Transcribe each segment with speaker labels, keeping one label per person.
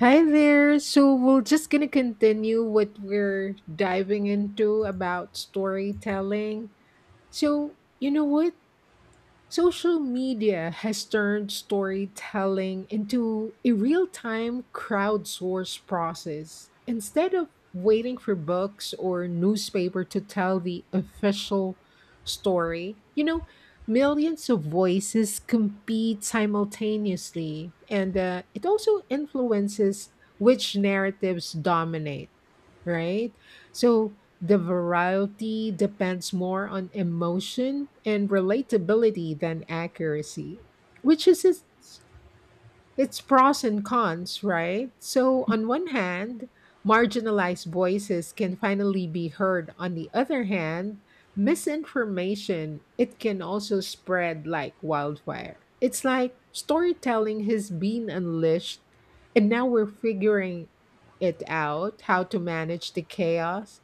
Speaker 1: Hi there. So we're just gonna continue what we're diving into about storytelling. So you know what? Social media has turned storytelling into a real time crowdsourced process. Instead of waiting for books or newspaper to tell the official story, millions of voices compete simultaneously. And it also influences which narratives dominate, right? So the variety depends more on emotion and relatability than accuracy, which is its it's pros and cons, right? So, on one hand, marginalized voices can finally be heard. On the other hand, misinformation, it can also spread like wildfire. It's like storytelling has been unleashed, and now we're figuring it out how to manage the chaos.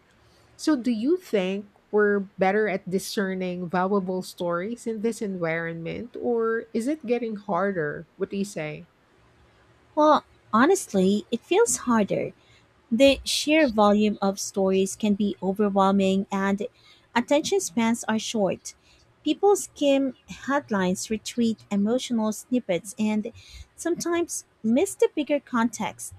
Speaker 1: So, do you think we're better at discerning valuable stories in this environment, or is it getting harder? What do you say?
Speaker 2: Well, honestly, it feels harder. The sheer volume of stories can be overwhelming and attention spans are short. People skim headlines, retweet emotional snippets, and sometimes miss the bigger context.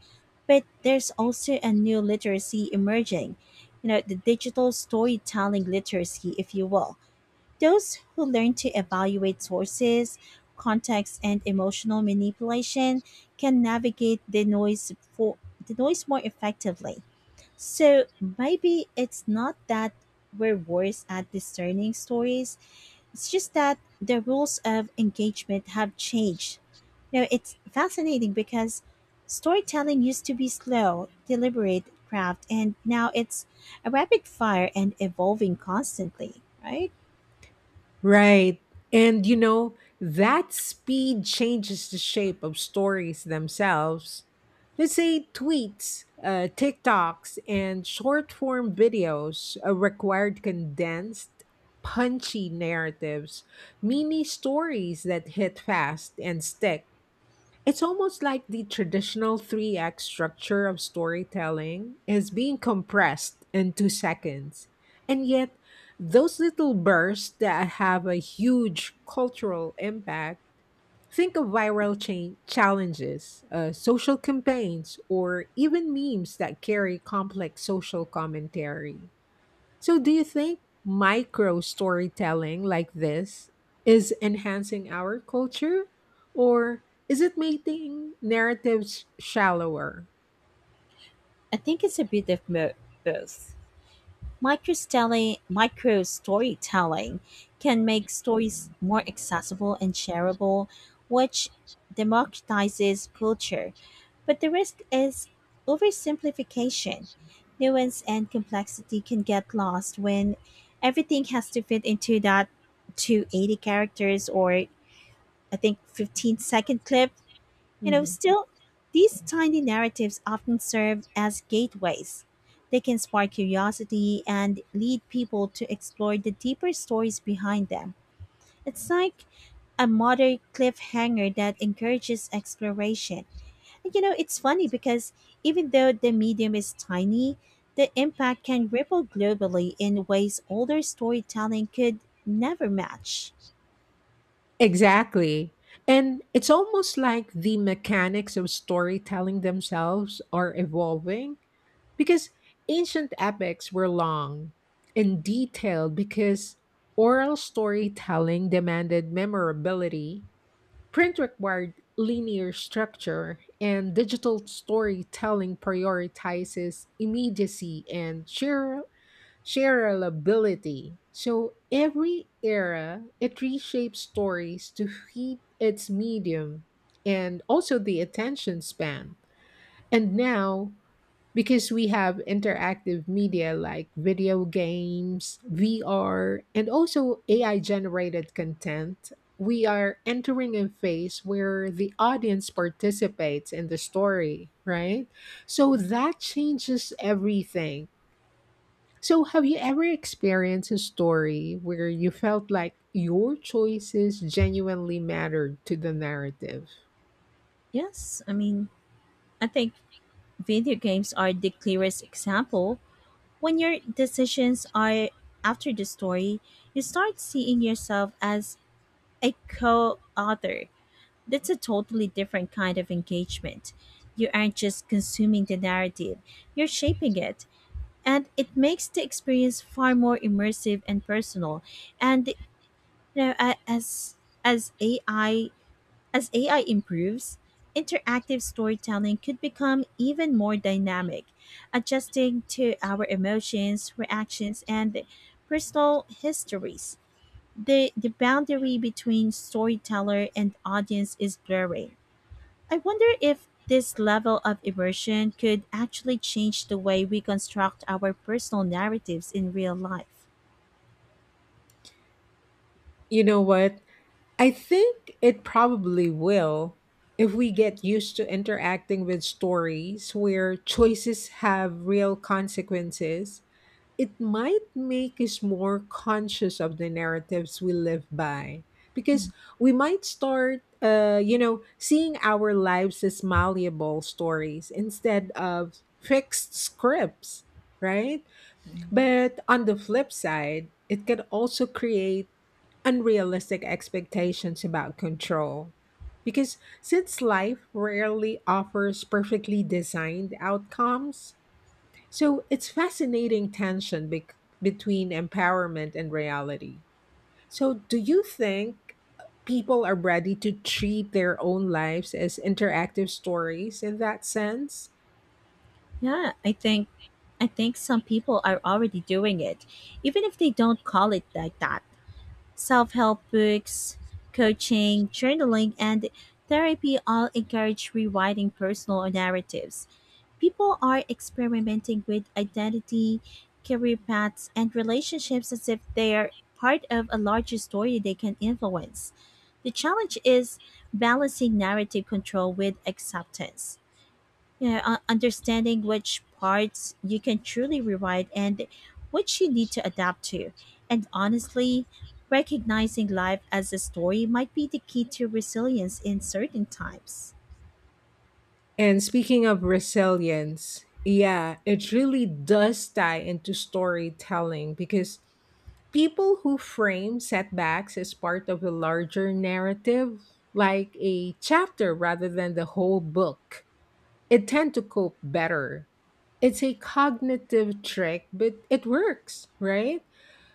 Speaker 2: But there's also a new literacy emerging, you know, the digital storytelling literacy, if you will those who learn to evaluate sources, context, and emotional manipulation can navigate the noise more effectively. So maybe it's not that we're worse at discerning stories. It's just that the rules of engagement have changed. You know, it's fascinating because storytelling used to be slow, deliberate craft, and now it's a rapid fire and evolving constantly, right?
Speaker 1: Right. And you know, that speed changes the shape of stories themselves. Let's say tweets, TikToks, and short form videos required condensed, punchy narratives, mini stories that hit fast and stick. It's almost like the traditional three act structure of storytelling is being compressed into seconds. And yet, those little bursts that have a huge cultural impact think of viral challenges, social campaigns, or even memes that carry complex social commentary. So, do you think micro storytelling like this is enhancing our culture or is it making narratives shallower?
Speaker 2: I think it's a bit of both. Micro storytelling can make stories more accessible and shareable, which democratizes culture. But the risk is oversimplification. Nuance and complexity can get lost when everything has to fit into that 280 characters or I think 15-second clip. You know,
Speaker 1: Mhm.
Speaker 2: still, these tiny narratives often serve as gateways. They can spark curiosity and lead people to explore the deeper stories behind them. It's like a modern cliffhanger that encourages exploration. And you know, it's funny because even though the medium is tiny, the impact can ripple globally in ways older storytelling could never match.
Speaker 1: Exactly. And it's almost like the mechanics of storytelling themselves are evolving because ancient epics were long and detailed because oral storytelling demanded memorability. Print required linear structure, and digital storytelling prioritizes immediacy and shareability. So every era, it reshapes stories to fit its medium and also the attention span. And now, because we have interactive media like video games, VR, and also AI generated content, we are entering a phase where the audience participates in the story, right? So that changes everything. So, have you ever experienced a story where you felt like your choices genuinely mattered to the narrative?
Speaker 2: Yes, I mean, I think video games are the clearest example. When your decisions are after the story, you start seeing yourself as a co author. That's a totally different kind of engagement. You aren't just consuming the narrative, you're shaping it. And it makes the experience far more immersive and personal. And you know, a- as as AI as AI improves, interactive storytelling could become even more dynamic, adjusting to our emotions, reactions, and personal histories. The boundary between storyteller and audience is blurring. I wonder if this level of immersion could actually change the way we construct our personal narratives in real life.
Speaker 1: You know what? I think it probably will if we get used to interacting with stories where choices have real consequences. It might make us more conscious of the narratives we live by because we might start, seeing our lives as malleable stories instead of fixed scripts, right?
Speaker 2: Okay.
Speaker 1: But on the flip side, it can also create unrealistic expectations about control. Because since life rarely offers perfectly designed outcomes, so it's fascinating tension between empowerment and reality. So, do you think people are ready to treat their own lives as interactive stories in that sense?
Speaker 2: Yeah, I think some people are already doing it, even if they don't call it like that. Self-help books, coaching, journaling, and therapy all encourage rewriting personal narratives. People are experimenting with identity, career paths, and relationships as if they are part of a larger story they can influence. The challenge is balancing narrative control with acceptance, you know, understanding which parts you can truly rewrite and which you need to adapt to. And honestly, recognizing life as a story might be the key to resilience in certain times.
Speaker 1: And speaking of resilience, yeah, it really does tie into storytelling because people who frame setbacks as part of a larger narrative, like a chapter rather than the whole book, it tend to cope better. It's a cognitive trick, but it works, right?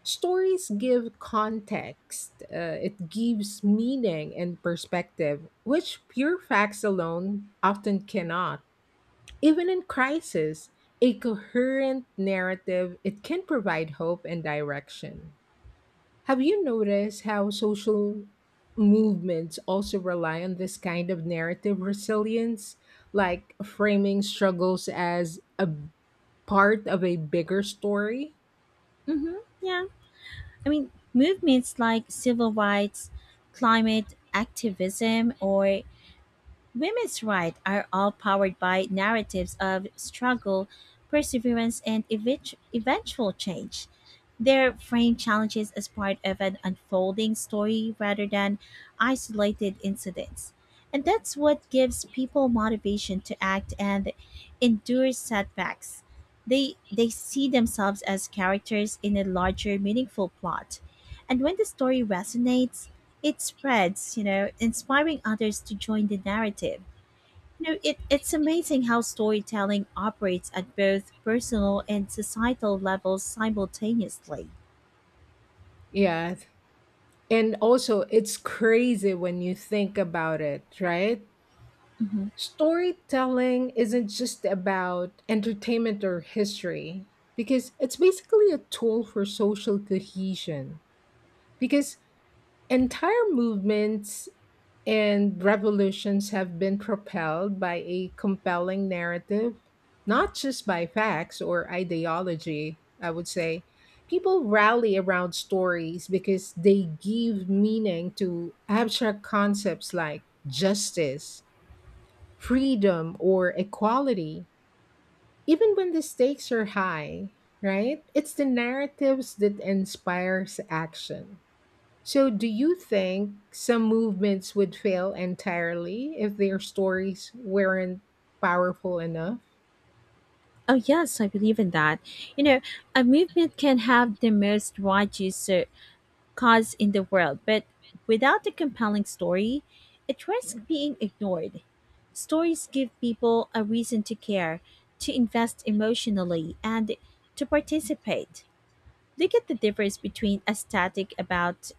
Speaker 1: Stories give context, it gives meaning and perspective, which pure facts alone often cannot. Even in crisis, a coherent narrative, it can provide hope and direction. Have you noticed how social movements also rely on this kind of narrative resilience, like framing struggles as a part of a bigger story?
Speaker 2: Mm-hmm, yeah. I mean, movements like civil rights, climate activism, or Women's rights are all powered by narratives of struggle, perseverance, and eventual change. Their frame challenges as part of an unfolding story rather than isolated incidents. And that's what gives people motivation to act and endure setbacks. They see themselves as characters in a larger, meaningful plot. And when the story resonates, it spreads, you know, inspiring others to join the narrative. You know, it's amazing how storytelling operates at both personal and societal levels simultaneously.
Speaker 1: Yeah. And also, it's crazy when you think about it, right?
Speaker 2: Hmm.
Speaker 1: Storytelling isn't just about entertainment or history, because it's basically a tool for social cohesion. Because entire movements and revolutions have been propelled by a compelling narrative, not just by facts or ideology, I would say. People rally around stories because they give meaning to abstract concepts like justice, freedom, or equality, even when the stakes are high, right? It's the narratives that inspires action. So, do you think some movements would fail entirely if their stories weren't powerful enough?
Speaker 2: Oh, yes, I believe in that. You know, a movement can have the most righteous cause in the world, but without a compelling story, it risks being ignored. Stories give people a reason to care, to invest emotionally, and to participate. They get the difference between a static about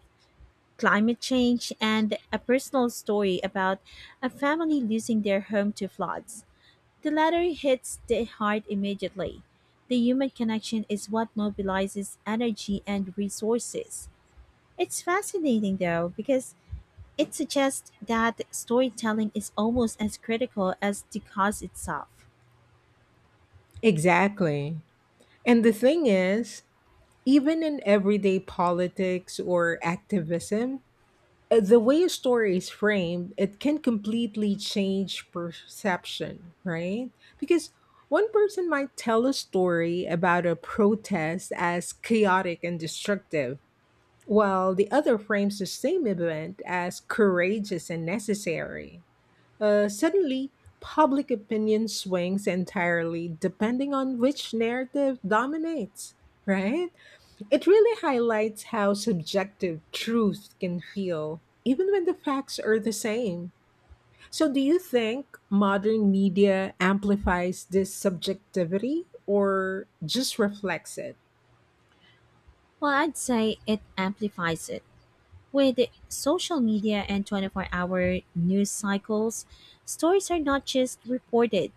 Speaker 2: climate change and a personal story about a family losing their home to floods. The latter hits the heart immediately. The human connection is what mobilizes energy and resources. It's fascinating though, because it suggests that storytelling is almost as critical as the cause itself.
Speaker 1: Exactly. And the thing is, even in everyday politics or activism, the way a story is framed, it can completely change perception, right? Because one person might tell a story about a protest as chaotic and destructive, while the other frames the same event as courageous and necessary. Suddenly, public opinion swings entirely depending on which narrative dominates, right? It really highlights how subjective truth can feel, even when the facts are the same. So, do you think modern media amplifies this subjectivity or just reflects it?
Speaker 2: Well, I'd say it amplifies it. With social media and 24-hour news cycles, stories are not just reported,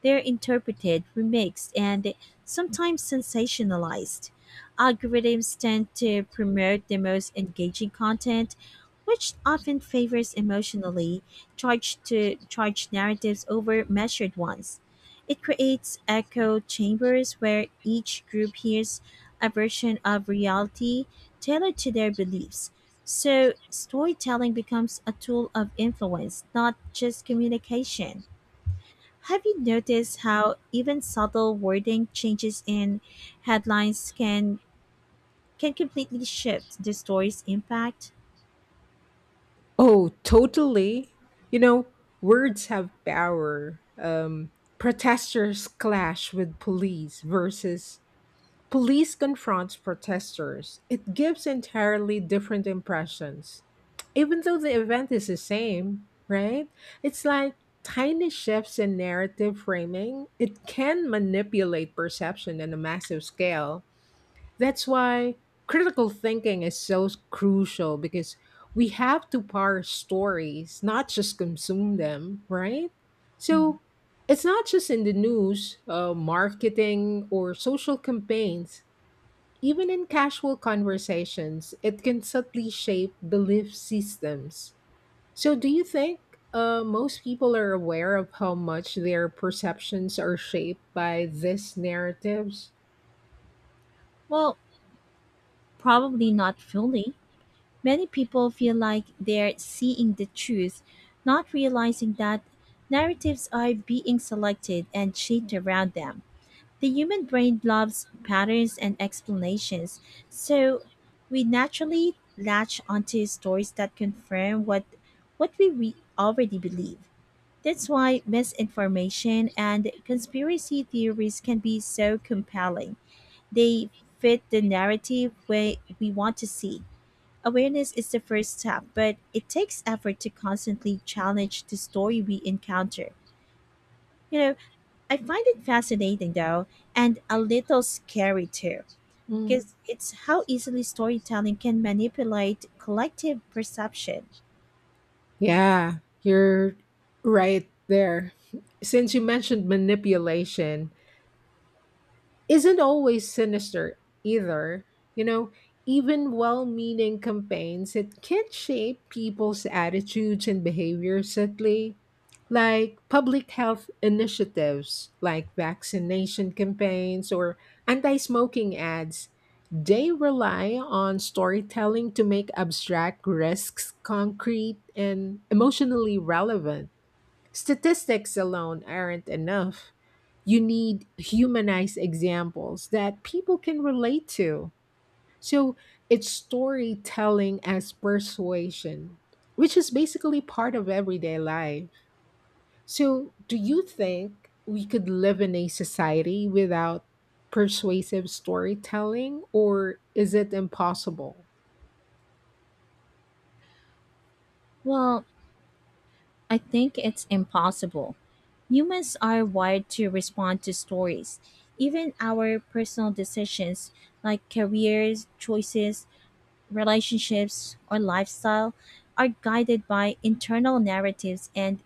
Speaker 2: they're interpreted, remixed, and sometimes sensationalized. Algorithms tend to promote the most engaging content, which often favors emotionally charged to charged narratives over measured ones. It creates echo chambers where each group hears a version of reality tailored to their beliefs. So, storytelling becomes a tool of influence, not just communication. Have you noticed how even subtle wording changes in headlines can completely shift the story's impact?
Speaker 1: Oh, totally. You know, words have power. Protesters clash with police versus police confronts protesters. It gives entirely different impressions. Even though the event is the same, right? It's like tiny shifts in narrative framing. It can manipulate perception on a massive scale. That's why critical thinking is so crucial because we have to parse stories, not just consume them, right?
Speaker 2: Mm.
Speaker 1: So it's not just in the news, marketing, or social campaigns. Even in casual conversations, it can subtly shape belief systems. So, do you think most people are aware of how much their perceptions are shaped by these narratives?
Speaker 2: Well, probably not fully. Many people feel like they're seeing the truth, not realizing that narratives are being selected and shaped around them. The human brain loves patterns and explanations, so we naturally latch onto stories that confirm what we already believe. That's why misinformation and conspiracy theories can be so compelling. They fit the narrative way we want to see. Awareness is the first step, but it takes effort to constantly challenge the story we encounter. You know, I find it fascinating though, and a little scary too,
Speaker 1: Hmm.
Speaker 2: because it's how easily storytelling can manipulate collective perception.
Speaker 1: Yeah, you're right there. Since you mentioned manipulation, isn't always sinister either. You know, even well meaning campaigns, it can shape people's attitudes and behaviors subtly. Like public health initiatives, like vaccination campaigns or anti smoking ads, they rely on storytelling to make abstract risks concrete and emotionally relevant. Statistics alone aren't enough. You need humanized examples that people can relate to. So it's storytelling as persuasion, which is basically part of everyday life. So, do you think we could live in a society without persuasive storytelling, or is it impossible?
Speaker 2: Well, I think it's impossible. Humans are wired to respond to stories. Even our personal decisions, like careers, choices, relationships, or lifestyle are guided by internal narratives and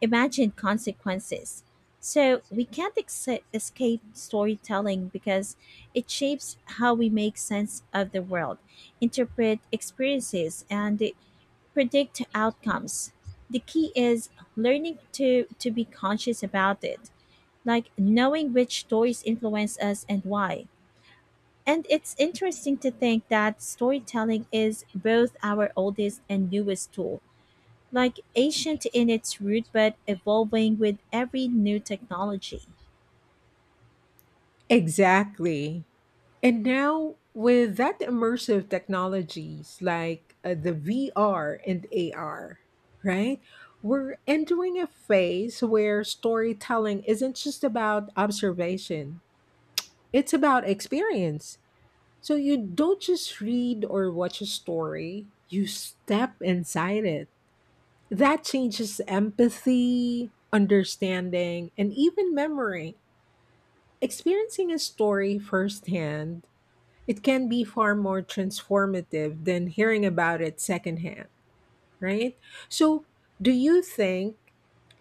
Speaker 2: imagined consequences. So we can't escape storytelling because it shapes how we make sense of the world, interpret experiences, and predict outcomes. The key is learning to be conscious about it, like knowing which stories influence us and why. And it's interesting to think that storytelling is both our oldest and newest tool, like ancient in its root but evolving with every new technology.
Speaker 1: Exactly. And now, with that immersive technologies like the VR and AR, right? We're entering a phase where storytelling isn't just about observation, it's about experience. So you don't just read or watch a story, you step inside it. That changes empathy, understanding, and even memory. Experiencing a story firsthand, it can be far more transformative than hearing about it secondhand, right? So, do you think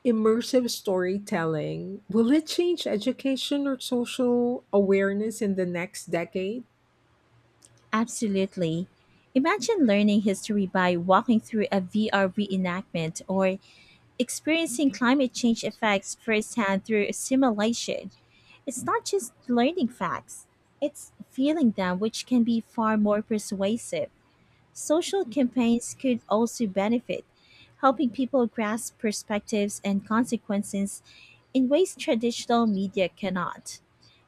Speaker 1: immersive storytelling will it change education or social awareness in the next decade?
Speaker 2: Absolutely. Imagine learning history by walking through a VR reenactment or experiencing climate change effects firsthand through simulation. It's not just learning facts, it's feeling them, which can be far more persuasive. Social campaigns could also benefit, helping people grasp perspectives and consequences in ways traditional media cannot.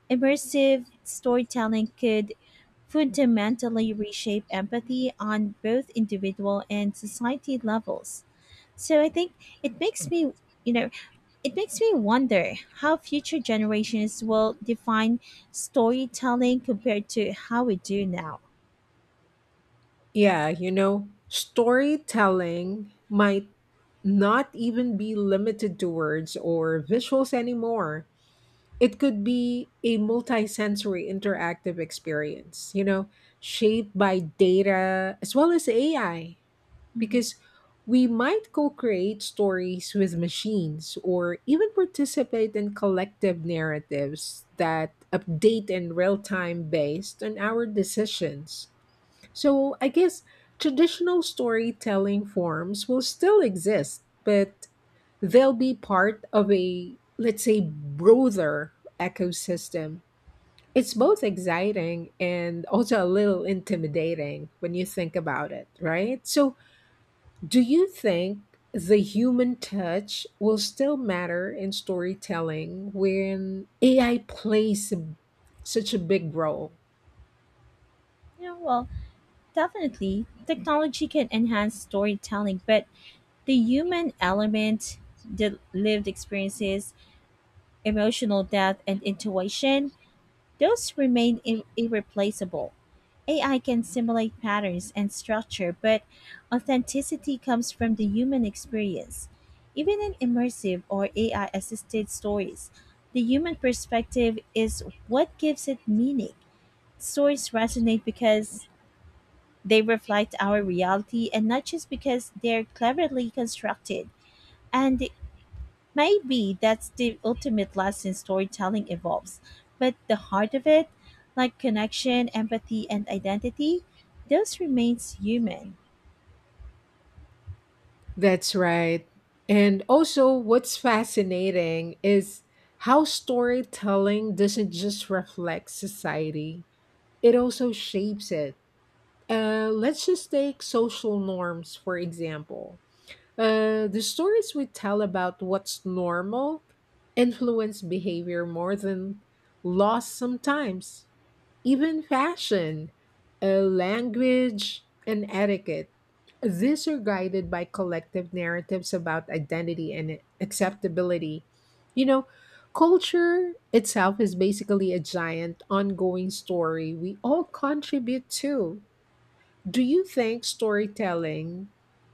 Speaker 2: Immersive storytelling could fundamentally reshape empathy on both individual and society levels. So I think it makes me, you know, it makes me wonder how future generations will define storytelling compared to how we do now.
Speaker 1: Yeah, you know, storytelling might not even be limited to words or visuals anymore. It could be a multisensory interactive experience, shaped by data as well as AI,
Speaker 2: Mhm.
Speaker 1: because we might co create stories with machines or even participate in collective narratives that update in real time based on our decisions. So I guess traditional storytelling forms will still exist, but they'll be part of a, let's say, broader ecosystem. It's both exciting and also a little intimidating when you think about it, right? So, do you think the human touch will still matter in storytelling when AI plays such a big role?
Speaker 2: Yeah, well, definitely, technology can enhance storytelling, but the human element, the lived experiences, emotional depth, and intuition, those remain irreplaceable. AI can simulate patterns and structure, but authenticity comes from the human experience. Even in immersive or AI assisted stories, the human perspective is what gives it meaning. Stories resonate because they reflect our reality and not just because they're cleverly constructed. And maybe that's the ultimate lesson storytelling evolves. But the heart of it, like connection, empathy, and identity, those remains human.
Speaker 1: That's right. And also, what's fascinating is how storytelling doesn't just reflect society, it also shapes it. Let's just take social norms, for example. The stories we tell about what's normal influence behavior more than laws sometimes. Even fashion, language, and etiquette. These are guided by collective narratives about identity and acceptability. You know, culture itself is basically a giant ongoing story we all contribute to. Do you think storytelling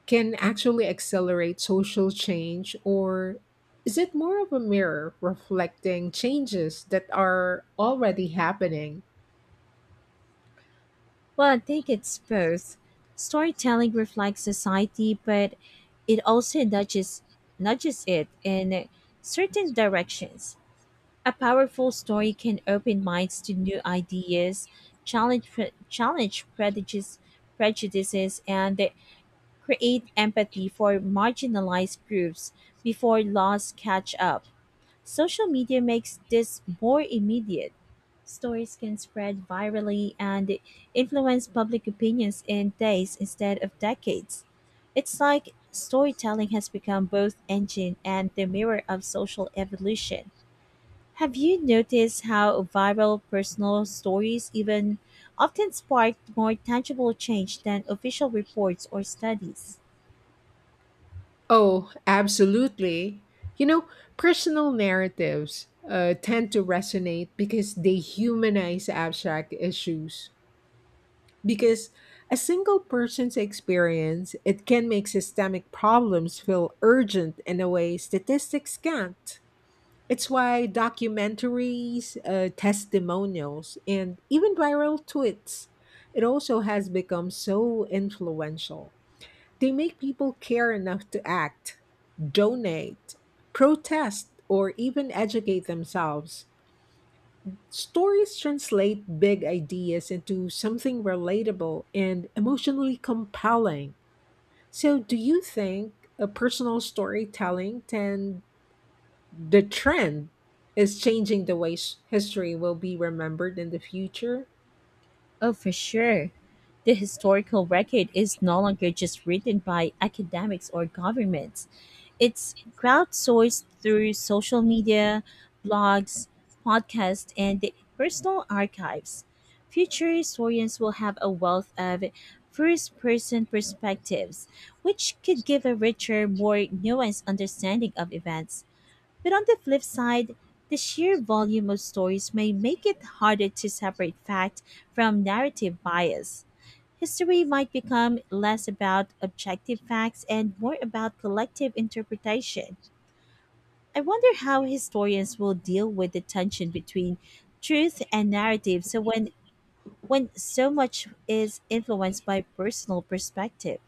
Speaker 1: can actually accelerate social change, or is it more of a mirror reflecting changes that are already happening?
Speaker 2: Well, I think it's both. Storytelling reflects society, but it also nudges it in certain directions. A powerful story can open minds to new ideas, challenge prejudices, and create empathy for marginalized groups before laws catch up. Social media makes this more immediate. Stories can spread virally and influence public opinions in days instead of decades. It's like storytelling has become both engine and the mirror of social evolution. Have you noticed how viral personal stories even often spark more tangible change than official reports or studies?
Speaker 1: Oh, absolutely. You know, personal narratives tend to resonate because they humanize abstract issues. Because a single person's experience, it can make systemic problems feel urgent in a way statistics can't. It's why documentaries, testimonials, and even viral tweets, it also has become so influential. They make people care enough to act donate, protest, or even educate themselves. Stories translate big ideas into something relatable and emotionally compelling. So, do you think a personal storytelling and the trend is changing the way history will be remembered in the future?
Speaker 2: Oh, for sure. The historical record is no longer just written by academics or governments. It's crowdsourced through social media, blogs, podcasts, and the personal archives. Future historians will have a wealth of first person perspectives, which could give a richer, more nuanced understanding of events. But on the flip side, the sheer volume of stories may make it harder to separate fact from narrative bias. History might become less about objective facts and more about collective interpretation. I wonder how historians will deal with the tension between truth and narrative so when so much is influenced by personal perspective.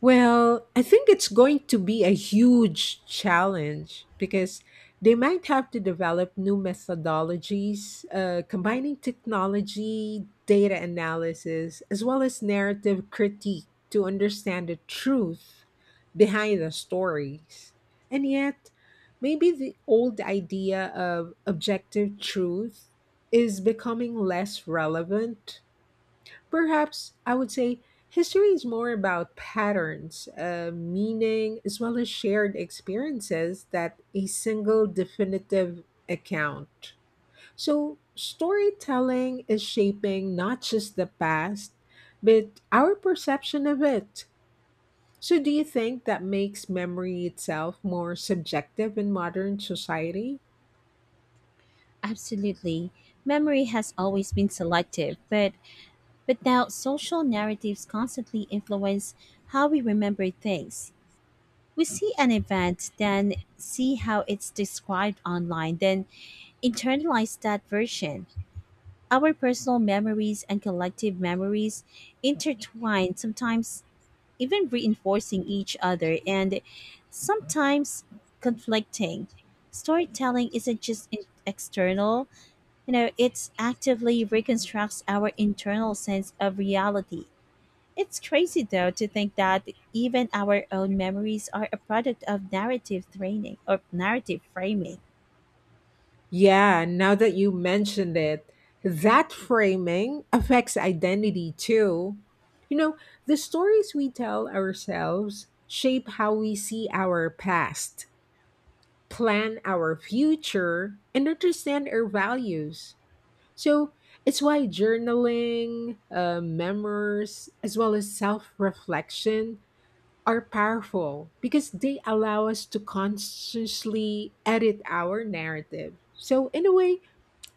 Speaker 1: Well, I think it's going to be a huge challenge because they might have to develop new methodologies, combining technology, data analysis, as well as narrative critique to understand the truth behind the stories. And yet, maybe the old idea of objective truth is becoming less relevant. Perhaps I would say history is more about patterns, meaning, as well as shared experiences that a single definitive account. So, storytelling is shaping not just the past, but our perception of it. So, do you think that makes memory itself more subjective in modern society?
Speaker 2: Absolutely. Memory has always been selective, but now social narratives constantly influence how we remember things. We see an event, then see how it's described online, then internalize that version. Our personal memories and collective memories intertwine, sometimes even reinforcing each other, and sometimes conflicting. Storytelling isn't just external, you know, it's actively reconstructs our internal sense of reality. It's crazy though to think that even our own memories are a product of narrative training or narrative framing.
Speaker 1: Yeah, now that you mentioned it, that framing affects identity too. You know, the stories we tell ourselves shape how we see our past, plan our future, and understand our values. So it's why journaling, memoirs, as well as self reflection are powerful because they allow us to consciously edit our narrative. So, in a way,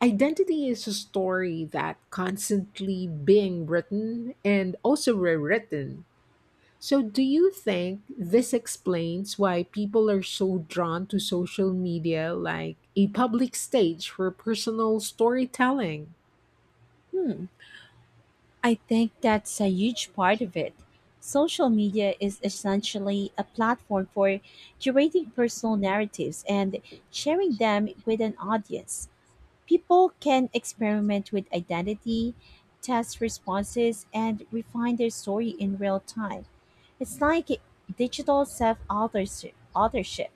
Speaker 1: identity is a story that constantly being written and also rewritten. So do you think this explains why people are so drawn to social media like a public stage for personal storytelling?
Speaker 2: Hmm, I think that's a huge part of it. Social media is essentially a platform for curating personal narratives and sharing them with an audience. People can experiment with identity, test responses, and refine their story in real time. It's like digital self authorship.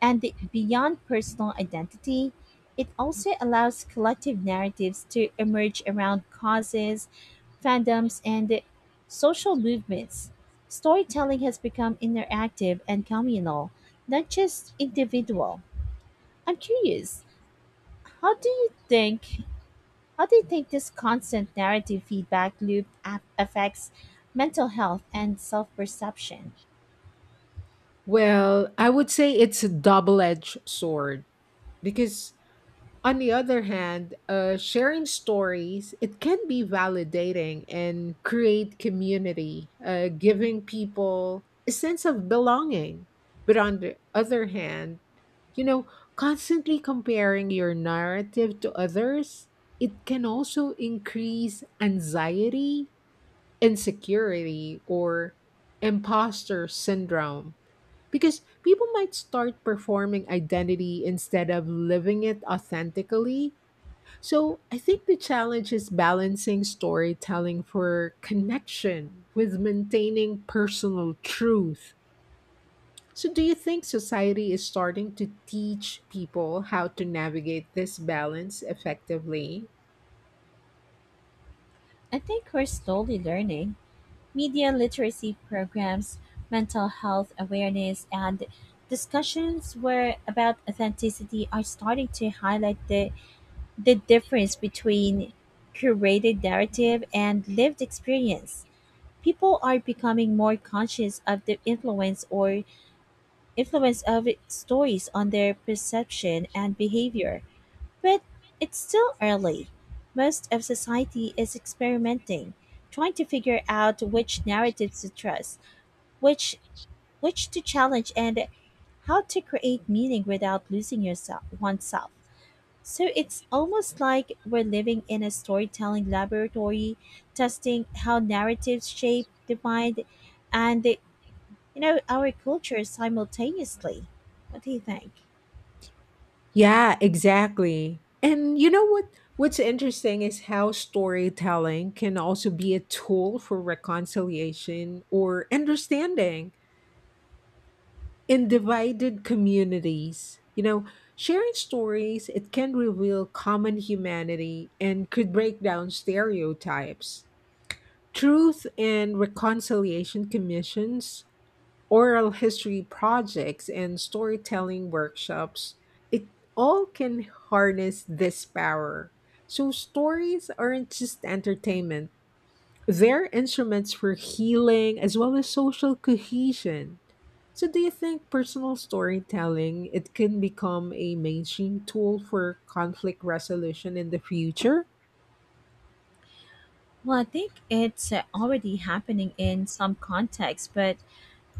Speaker 2: And beyond personal identity, it also allows collective narratives to emerge around causes, fandoms, and social movements. Storytelling has become interactive and communal, not just individual. I'm curious, how do you think how do you think this constant narrative feedback loop affects mental health and self-perception?
Speaker 1: Well, I would say it's a double-edged sword because on the other hand, sharing stories, it can be validating and create community, giving people a sense of belonging. But on the other hand, you know, constantly comparing your narrative to others, it can also increase anxiety, insecurity, or imposter syndrome. Because people might start performing identity instead of living it authentically so I think the challenge is balancing storytelling for connection with maintaining personal truth. So, do you think society is starting to teach people how to navigate this balance effectively?
Speaker 2: I think we're slowly learning. Media literacy programs, mental health awareness, and discussions were about authenticity are starting to highlight the difference between curated narrative and lived experience. People are becoming more conscious of the influence of stories on their perception and behavior. But it's still early. Most of society is experimenting, trying to figure out which narratives to trust, which which to challenge and how to create meaning without losing yourself oneself. So it's almost like we're living in a storytelling laboratory, testing how narratives shape the mind and you know our culture simultaneously. What do you think?
Speaker 1: Yeah, exactly. And you know what? What's interesting is how storytelling can also be a tool for reconciliation or understanding in divided communities. You know, sharing stories, it can reveal common humanity and could break down stereotypes. Truth and reconciliation commissions, oral history projects, and storytelling workshops, it all can harness this power. So, stories aren't just entertainment they're instruments for healing as well as social cohesion. So, do you think personal storytelling it can become a mainstream tool for conflict resolution in the future?
Speaker 2: Well, I think it's already happening in some contexts, but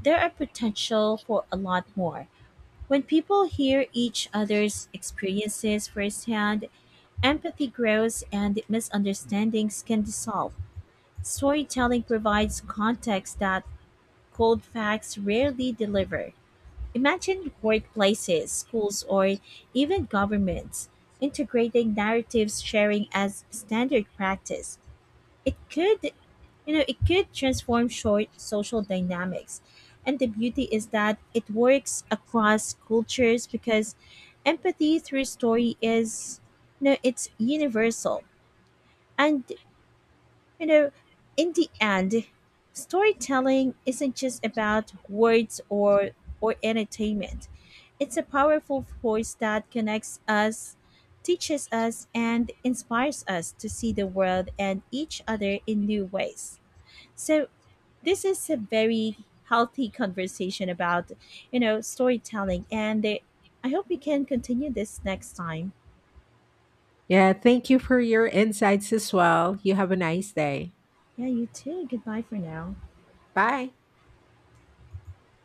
Speaker 2: there are potential for a lot more. When people hear each other's experiences firsthand, empathy grows and misunderstandings can dissolve. Storytelling provides context that cold facts rarely deliver. Imagine workplaces, schools, or even governments integrating narratives sharing as standard practice. It could, you know, it could transform short social dynamics. And the beauty is that it works across cultures because empathy through story is, you know, it's universal and, you know, in the end, storytelling isn't just about words or entertainment. It's a powerful force that connects us, teaches us and inspires us to see the world and each other in new ways. So, this is a very healthy conversation about, you know, storytelling and they, I hope we can continue this next time.
Speaker 1: Yeah, thank you for your insights as well. You have a nice day.
Speaker 2: Yeah, you too. Goodbye for now.
Speaker 1: Bye.